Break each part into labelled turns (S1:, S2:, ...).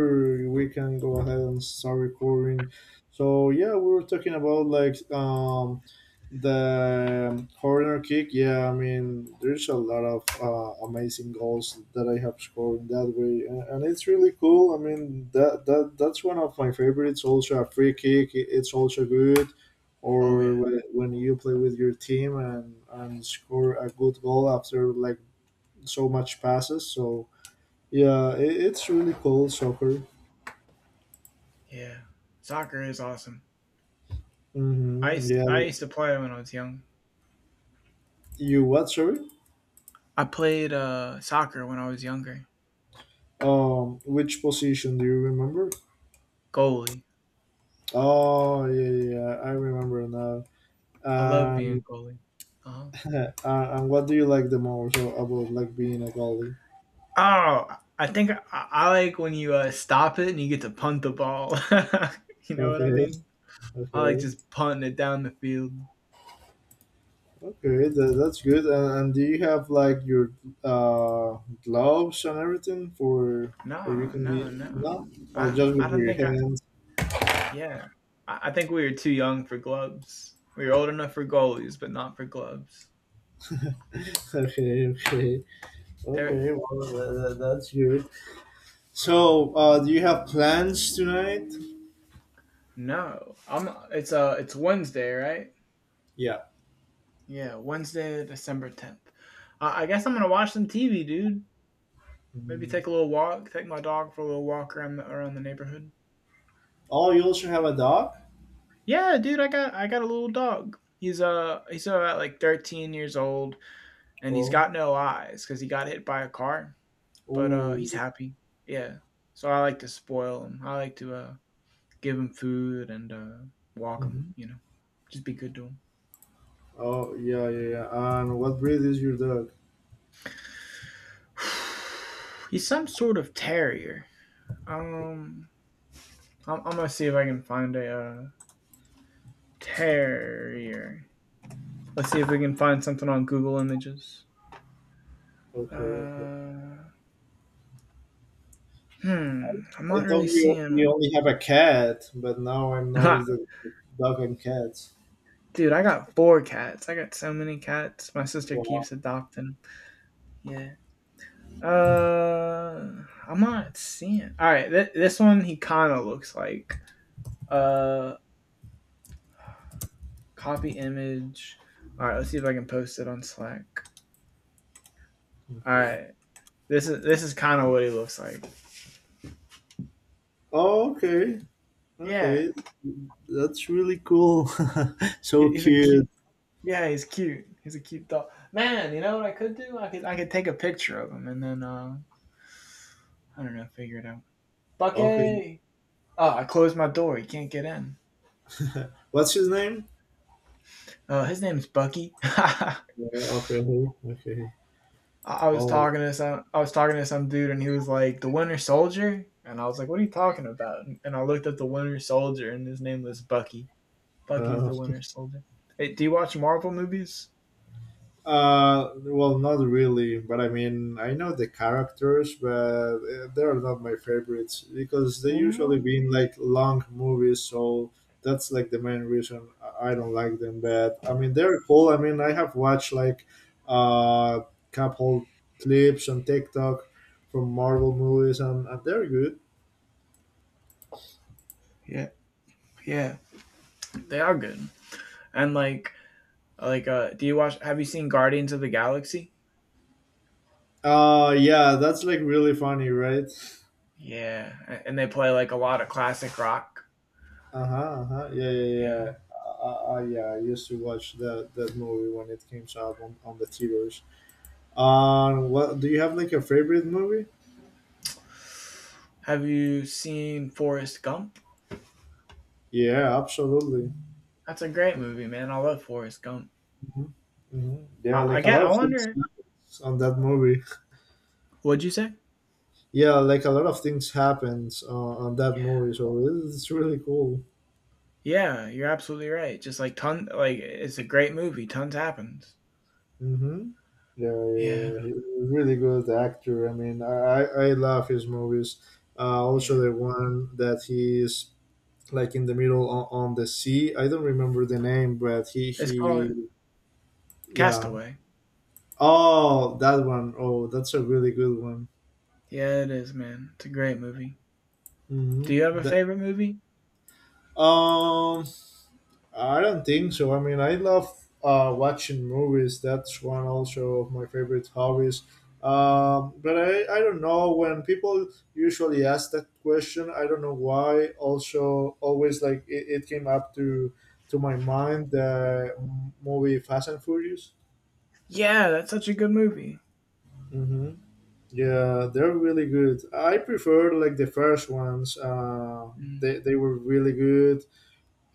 S1: We can go ahead and start recording. We were talking about like the corner kick. Yeah, I mean there's a lot of amazing goals that I have scored in that way, and it's really cool. I mean that's one of my favorites. Also a free kick, it's also good.
S2: Oh
S1: Or
S2: yeah,
S1: when you play with your team and score a good goal after like so much passes. So yeah, it's really cool soccer.
S2: yeah. Soccer is awesome. I
S1: Mm-hmm.
S2: used,
S1: Yeah,
S2: I used to play when I was young.
S1: you what? Sorry.
S2: I played soccer when I was younger.
S1: Which position do you remember?
S2: Goalie.
S1: Oh, yeah, yeah, yeah, I remember now.
S2: I love
S1: Um,
S2: being goalie. Uh-huh.
S1: and what do you like the most about like being a goalie?
S2: Oh, I like when you stop it and you get to punt the ball. You know what I
S1: Okay,
S2: mean? I like
S1: okay,
S2: just punting it down the field.
S1: okay. That's good. And do you have like your uh gloves and everything
S2: No,
S1: for you can be
S2: no, no.
S1: no, or just
S2: I
S1: with
S2: don't
S1: your
S2: think I.
S1: hands?
S2: Yeah, I think we were too young for gloves. We were old enough for goalies, but not for gloves.
S1: Okay, okay,
S2: There
S1: okay. Well, that's good. So, do you have plans tonight?
S2: No, I'm. It's Wednesday, right?
S1: Yeah.
S2: Yeah, Wednesday, December 10th. I guess I'm gonna watch some TV, dude. Maybe
S1: Mhm.
S2: take a little walk, take my dog for a little walk around around the neighborhood.
S1: Oh, you also have a dog?
S2: Yeah, dude, I got a little dog. He's about like 13 years old, and he's
S1: Oh.
S2: got no eyes because he got hit by a car. But
S1: Oh.
S2: he's happy. Yeah. So I like to spoil him. I like to give him food and walk him.
S1: Hmm.
S2: You know, just be good to him.
S1: Oh, yeah, yeah, yeah. And what breed is your dog?
S2: He's some sort of terrier. Um, I'm gonna see if I can find a terrier. Let's see if we can find something on Google Images.
S1: Okay, okay.
S2: Uh, I'm
S1: I
S2: not really
S1: thought you
S2: seeing.
S1: you only have a cat, but now I'm
S2: Ha,
S1: noticed that dog and cats.
S2: dude, I got four cats. I got so many cats. My sister
S1: Wow.
S2: keeps adopting. Yeah. Uh, I'm not seeing. All right, this one he kind of looks like. Uh, copy image. All right, let's see if I can post it on Slack. All
S1: Okay.
S2: right. This is kind of what he looks like.
S1: Oh, okay. Okay.
S2: Yeah,
S1: That's really cool. so
S2: he's a cute.
S1: cute.
S2: Yeah, he's cute. He's a cute dog. Man, you know what I could do? I could take a picture of him and then I don't know, figure it out.
S1: Okay.
S2: Bucky. Oh, I closed my door. He can't get in.
S1: What's his name?
S2: His name's Bucky.
S1: Yeah, okay. Okay. Oh.
S2: I was talking to some dude and he was like the Winter Soldier and I was like, what are you talking about? And I looked up the Winter Soldier and his name was Bucky.
S1: Uh,
S2: Bucky's the Winter Soldier. Hey, do you watch Marvel movies?
S1: uh, well, not really, but I mean, I know the characters, but they are not my favorites because they usually
S2: What?
S1: been like long movies, so that's like the main reason I don't like them. But I mean, they're cool. I mean, I have watched like uh couple clips on TikTok from Marvel movies, and they're good.
S2: Yeah. Yeah, they are good. And do you watch have you seen Guardians of the Galaxy?
S1: Yeah, that's like really funny, right?
S2: Yeah, and they play like a lot of classic rock.
S1: Uh-huh, uh-huh. Yeah, yeah, yeah.
S2: Yeah.
S1: Yeah, I used to watch that movie when it came out on the theaters. What do you have like a favorite movie?
S2: Have you seen Forrest Gump?
S1: Yeah, absolutely.
S2: That's a great movie, man. I love Forrest Gump.
S1: Hmm. Hmm. Yeah,
S2: I, I
S1: like a
S2: get
S1: lot
S2: I
S1: of things
S2: wonder
S1: happens on that movie.
S2: what'd you say?
S1: Yeah, like a lot of things happens on that movie, so it's really cool.
S2: Yeah, you're absolutely right. Just like ton like it's a great movie. Tons happens.
S1: Mm-hmm. Yeah, yeah,
S2: Yeah.
S1: yeah. He's a really good actor. I mean, I love his movies. Also,
S2: Yeah.
S1: the one that he's like in the middle on the sea. I don't remember the name, but he
S2: It's called
S1: he yeah.
S2: Castaway.
S1: Oh, that one. Oh, that's a really good one.
S2: Yeah, it is, man. It's a great movie.
S1: Hmm.
S2: Do you have a
S1: That
S2: favorite movie?
S1: um, I don't think so. I mean, I love watching movies. That's one also of my favorite hobbies. But I don't know when people usually ask that question. I don't know why. Also, always like it came up to my mind the movie Fast and Furious.
S2: Yeah, that's such a good movie.
S1: Mm-hmm. Yeah, they're really good. I prefer like the first ones.
S2: Mm.
S1: They were really good.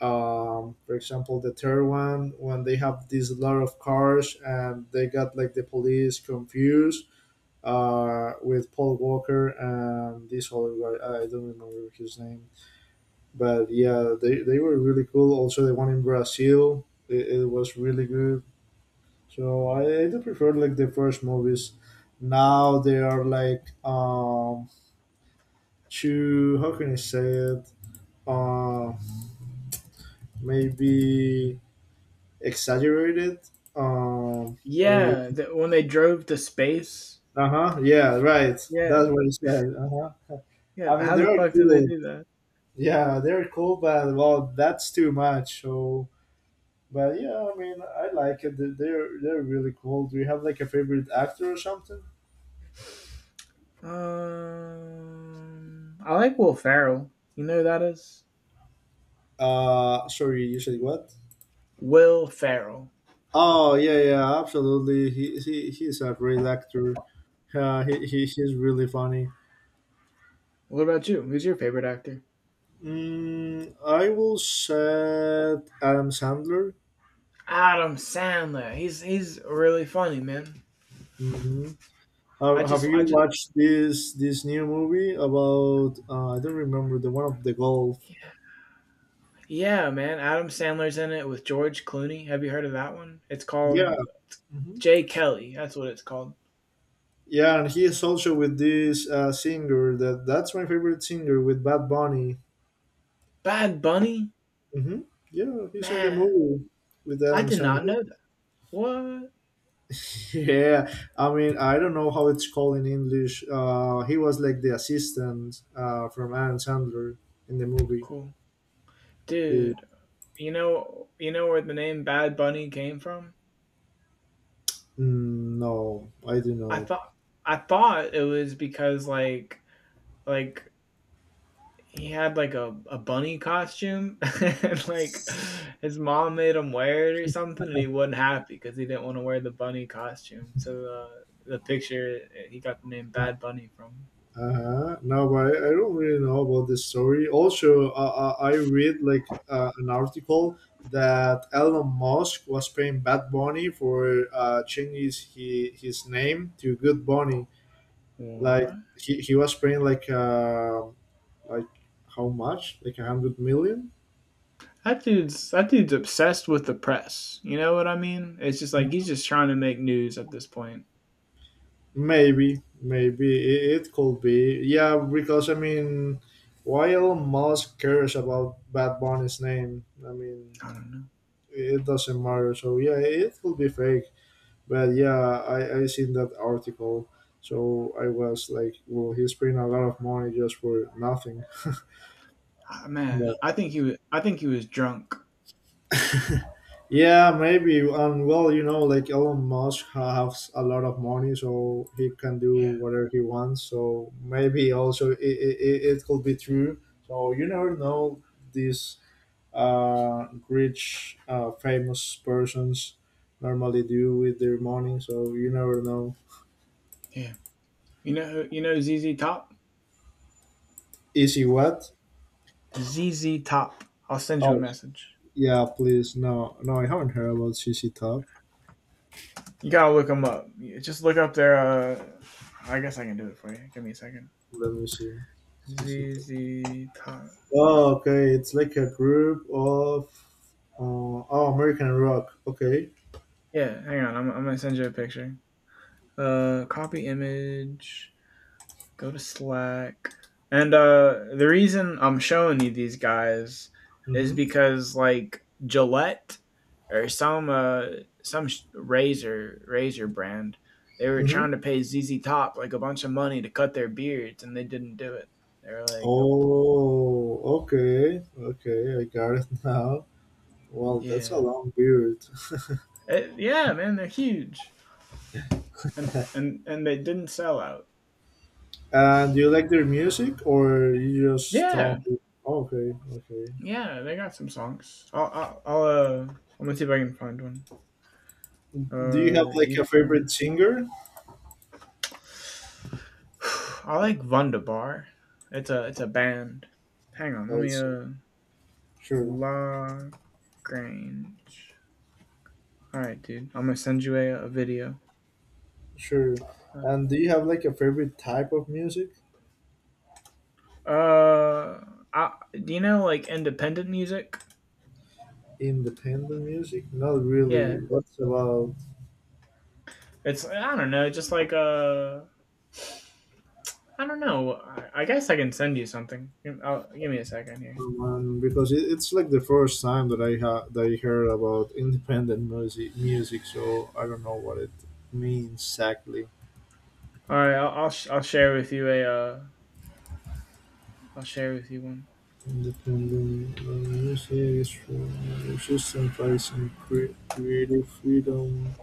S1: For example, the third one when they have this lot of cars and they got like the police confused with Paul Walker and this other guy. I don't remember his name, but yeah, they were really cool. Also, the one in Brazil, it was really good. So I do prefer like the first movies. Now they are like too how can I say it? Uh, maybe exaggerated. Um, like
S2: Yeah, when they drove to space.
S1: uh huh. Yeah, right.
S2: Yeah,
S1: That's what you said. Uh huh.
S2: yeah.
S1: I mean,
S2: How the
S1: they're
S2: fuck did they
S1: cool.
S2: do that?
S1: Yeah, they're cool, but well, that's too much. So, but yeah, I mean, I like it. They're really cool. Do you have like a favorite actor or something?
S2: I like Will Ferrell. You know who that is?
S1: Sorry, you said what?
S2: Will Ferrell.
S1: Oh yeah, yeah, absolutely. He's a great actor. He he's really funny.
S2: What about you? Who's your favorite actor?
S1: Mm, I will say Adam Sandler.
S2: Adam Sandler. He's really funny, man.
S1: Hmm. Have, have you
S2: I just
S1: watched this new movie about? I don't remember the one of the golf.
S2: yeah, man. Adam Sandler's in it with George Clooney. Have you heard of that one? It's
S1: Yeah,
S2: called
S1: hmm
S2: J. Kelly. That's what it's called.
S1: yeah, and he is also with this singer that that's my favorite singer with Bad Bunny.
S2: Bad Bunny.
S1: Hmm. Yeah, he's in the
S2: Man,
S1: movie with
S2: I
S1: Adam
S2: did not
S1: Sandler.
S2: know that. What?
S1: Yeah, I mean, I don't know how it's called in English. He was like the assistant from Adam Sandler in the movie.
S2: Cool.
S1: Yeah.
S2: Dude, you know where the name Bad Bunny came from?
S1: Mm, no, I do
S2: I
S1: not.
S2: thought I thought it was because like he had like a bunny costume and like his mom made him wear it or something and he wasn't happy because he didn't want to wear the bunny costume. So the picture he got the name Bad Bunny from.
S1: Uh-huh. No, but I don't really know about this story. Also, I read like an article that Elon Musk was paying Bad Bunny for changing his name to Good Bunny. Like
S2: What?
S1: he was paying like how much? Like 100 million?
S2: That dude's obsessed with the press. You know what I mean? It's just like he's just trying to make news at this point.
S1: Maybe, maybe it could be. Yeah, because I mean, why Elon Musk cares about Bad Bunny's name? I mean,
S2: I don't know.
S1: it doesn't matter. So yeah, it could be fake. But yeah, I seen that article. So I was like, well, he's paying a lot of money just for nothing.
S2: Ah, man, I think he was. I think he was drunk.
S1: Yeah, maybe. And well, you know, like Elon Musk has a lot of money, so he can do
S2: Yeah,
S1: whatever he wants. So maybe also it could be true. So you never know these rich, famous persons normally do with their money. So you never know.
S2: yeah. You know, you know Z Z Top.
S1: Is he what?
S2: Z Z Top. I'll send you a
S1: Oh,
S2: message.
S1: yeah, please. No, no, I haven't heard about C C Top.
S2: You gotta look him up. Just look up their. I guess I can do it for you. Give me a second.
S1: Let me see.
S2: Z
S1: C CC.
S2: Z Top.
S1: Oh, okay. It's like a group of uh, oh American rock. Okay.
S2: Yeah, hang on. I'm gonna send you a picture. Copy image. Go to Slack. And the reason I'm showing you these guys is
S1: Mhm.
S2: because like Gillette or some razor brand, they were
S1: Mhm.
S2: trying to pay ZZ Top like a bunch of money to cut their beards, and they didn't do it. They were like, nope.
S1: Oh, okay. Okay, I got it now. Well, that's
S2: Yeah,
S1: a long beard.
S2: Yeah, man, they're huge, and they didn't sell out.
S1: And do you like their music, or you just
S2: Yeah,
S1: don't? Okay, okay.
S2: yeah, they got some songs. I'm gonna see if I can find one.
S1: Do you have like a
S2: YouTube.
S1: favorite singer?
S2: I like Wunderbar. It's a band. Hang on, let
S1: Oh,
S2: me
S1: it's, sure,
S2: Lagrange. All right, dude. I'm gonna send you a video.
S1: sure. And do you have like a favorite type of music?
S2: Uh, I, do you know like independent music?
S1: Independent music? Not really.
S2: Yeah,
S1: What's about
S2: it's I don't know, just like I don't know. I guess I can send you something. Give me a second here.
S1: um, because it's like the first time that that I heard about independent music, music. So I don't know what it means exactly.
S2: All right, I'll share with you a I'll share with you one.
S1: Independent music is from sacrificing creative freedom.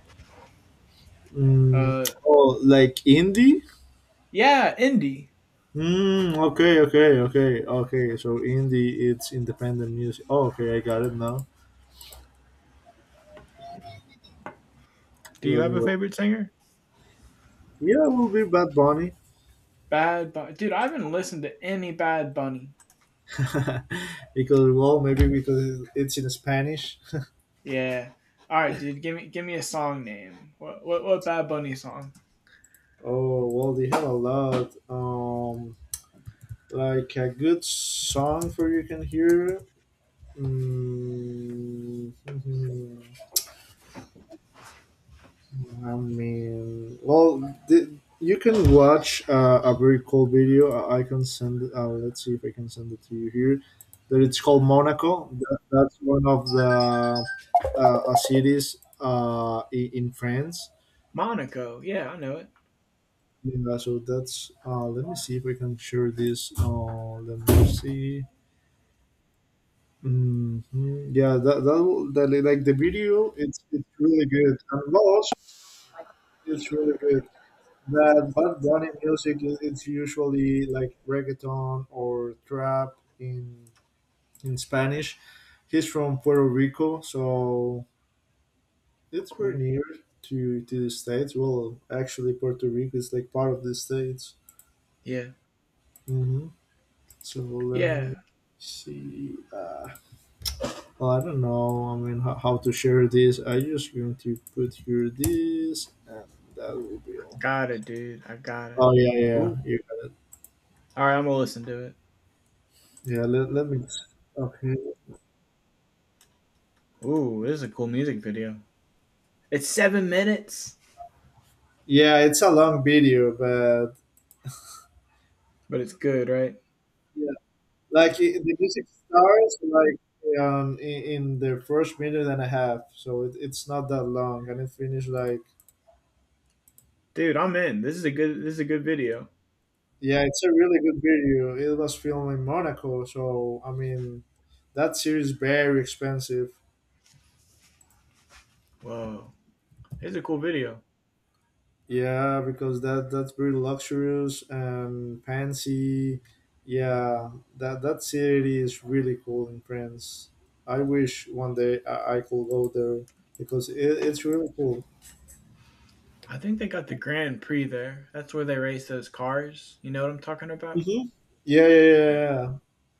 S1: Mm,
S2: Uh,
S1: oh, like indie?
S2: yeah, indie.
S1: Mm, okay, okay, okay, okay. So indie, it's independent music. Oh, okay, I got it now.
S2: Do you
S1: Let
S2: have
S1: me
S2: a
S1: what.
S2: favorite singer?
S1: Yeah, it will be Bad Bunny.
S2: Bad Bunny, dude. I haven't listened to any Bad Bunny.
S1: because well maybe because it's in Spanish.
S2: Yeah. All right, dude. Give me a song name. What Bad Bunny song?
S1: Oh well, they have a lot like a good song for you can hear mm, I mean well the, you can watch a very cool video I can send let's see if I can send it to you here that it's called Monaco. That's one of the cities in France.
S2: Monaco. Yeah, I know it.
S1: Yeah, so that's let me see if I can share this. Let me see. Hmm. Yeah, that like the video it's really good. And Lost it's really good. That background in music is it's usually like reggaeton or trap in Spanish. He's from Puerto Rico, so it's very
S2: Cool.
S1: near to the states. Well, actually, Puerto Rico is like part of the states.
S2: Yeah.
S1: Mhm. So let
S2: Yeah.
S1: me see. Well, I don't know. I mean, how to share this? I just going to put here this, and that will be all.
S2: Got it, dude. I got it.
S1: Oh yeah, yeah,
S2: Ooh.
S1: yeah.
S2: All right, I'm gonna listen to it.
S1: Yeah let me. Okay.
S2: Ooh, this is a cool music video. It's 7 minutes,
S1: Yeah, it's a long video, but
S2: but it's good, right?
S1: yeah, like it, the music starts like in the first minute and a half, so it's not that long, and it finished like
S2: Dude, I'm in. This is a good video.
S1: yeah, it's a really good video. It was filmed in Monaco, so I mean, that series very expensive.
S2: Whoa. This is a cool video.
S1: Yeah, because that's very luxurious and fancy. Yeah, that city is really cool in France. I wish one day I could go there because it's really cool.
S2: I think they got the Grand Prix there. That's where they race those cars. You know what I'm talking about?
S1: Hmm. Yeah, yeah, yeah,
S2: Yeah.
S1: yeah.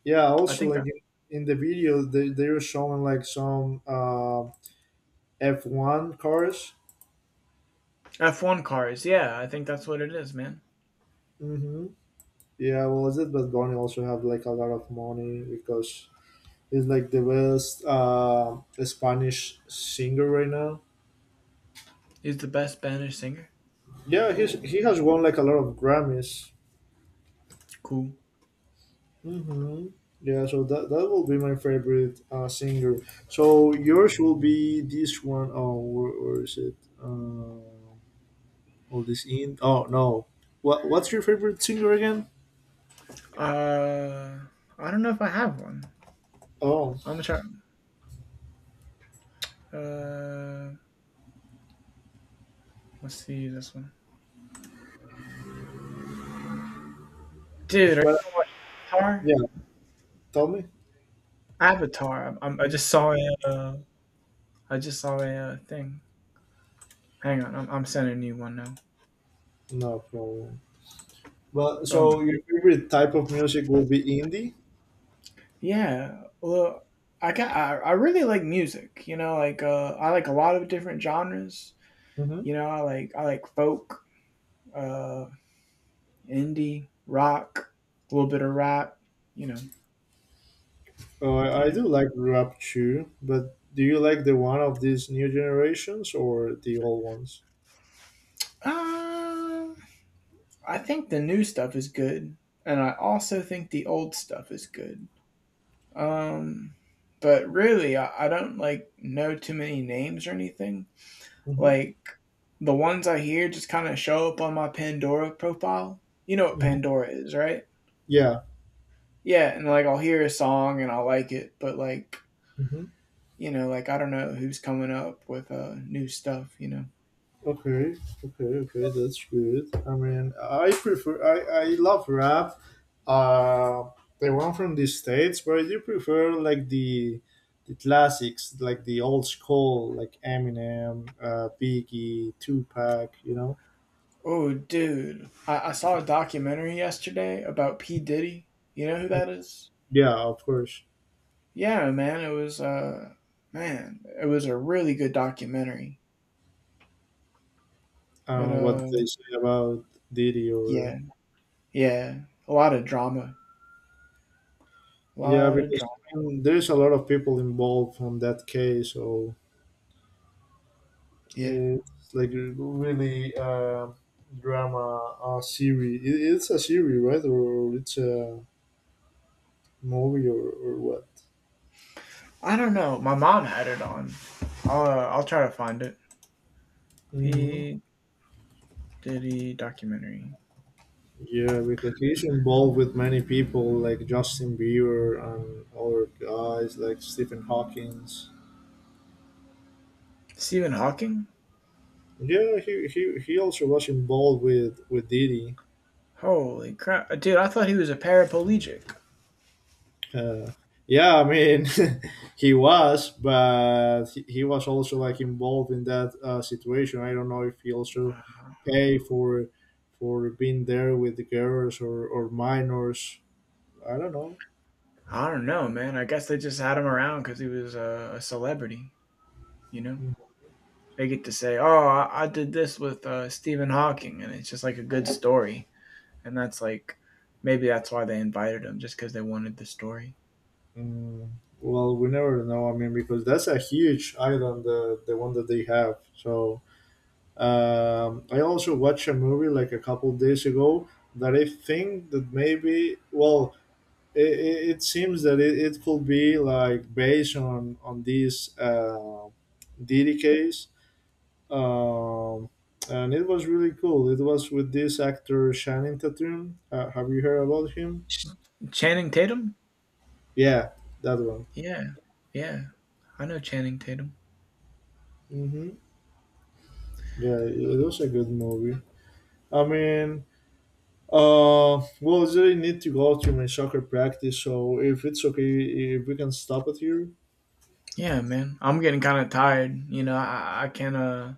S1: Yeah,
S2: I
S1: also,
S2: think I,
S1: like in the video, they were showing like some F1 cars.
S2: F1 cars. Yeah, I think that's what it is, man.
S1: Mm-hmm. Yeah, well, Elizabeth Barney also have like a lot of money because he's like the best Spanish singer right now.
S2: He's the best Spanish singer.
S1: Yeah,
S2: Ooh,
S1: he has won like a lot of Grammys.
S2: cool.
S1: Hmm. Yeah, so that that will be my favorite singer. So yours will be this one. Oh, where is it? All this in. Oh no, what's your favorite singer again?
S2: Uh, I don't know if I have one.
S1: Oh,
S2: I'm gonna try. Uh, let's see this one. Dude, are you
S1: but
S2: gonna watch Avatar?
S1: yeah, tell me.
S2: Avatar. I just saw a. I just saw a thing. Hang on, I'm sending you one now.
S1: No problem. But
S2: Boom.
S1: so your favorite type of music will be indie.
S2: Yeah. Well, I got. I really like music. You know, like I like a lot of different genres.
S1: Mm-hmm.
S2: You know, I like folk, uh, indie, rock, a little bit of rock, you know.
S1: Oh, I
S2: Yeah.
S1: do like rap too, but do you like the one of these new generations or the old ones?
S2: Um, I think the new stuff is good, and I also think the old stuff is good. Um, but really, I don't like know too many names or anything.
S1: Mm-hmm.
S2: Like the ones I hear just kind of show up on my Pandora profile. You know what
S1: Hmm.
S2: Pandora is, right?
S1: Yeah.
S2: Yeah, and like I'll hear a song and I'll like it, but like
S1: Hmm.
S2: you know, like I don't know who's coming up with new stuff, you know.
S1: Okay. Okay. Okay. That's good. I mean, I prefer. I love rap. Uh, the one from the states, but I do prefer like the classics, like the old school, like Eminem, Biggie, Tupac. You know.
S2: Oh, dude, I saw a documentary yesterday about P. Diddy. You know who that is?
S1: Yeah, of course.
S2: Yeah, man, it was a really good documentary. It
S1: And what they say about Diddy or
S2: yeah, yeah, a lot of drama, a
S1: yeah,
S2: lot of
S1: because
S2: drama.
S1: I mean, there's a lot of people involved on that case, so
S2: Yeah.
S1: it's like really drama series. It's a series, right, or it's a movie, or what?
S2: I don't know. My mom had it on. I'll try to find it.
S1: Hmm.
S2: P Diddy documentary.
S1: Yeah, because he's involved with many people like Justin Bieber and other guys like Stephen Hawkins.
S2: Stephen Hawking.
S1: Yeah, he also was involved with Diddy.
S2: Holy crap, dude! I thought he was a paraplegic.
S1: Uh, yeah, I mean, he was, but he was also like involved in that situation. I don't know if he also
S2: Uh,
S1: paid for being there with the girls or minors. I don't know.
S2: I don't know, man. I guess they just had him around because he was a celebrity. You know, they get to say, "Oh, I did this with Stephen Hawking," and it's just like a good story. And that's like, maybe that's why they invited him, just because they wanted the story.
S1: Mm, well, we never know. I mean, because that's a huge island, the one that they have. So I also watched a movie like a couple days ago that I think that maybe well it seems that it could be like based on this Diddy case, um, and it was really cool. It was with this actor Shannon Tatum. Have you heard about him?
S2: Ch- Channing Tatum.
S1: Yeah, that one.
S2: Yeah, yeah. I know Channing Tatum.
S1: Hmm. Yeah, it was a good movie. I mean, well, I really need to go to my soccer practice, so if it's okay, if we can stop it here.
S2: Yeah, man. I'm getting kind of tired. You know, I can't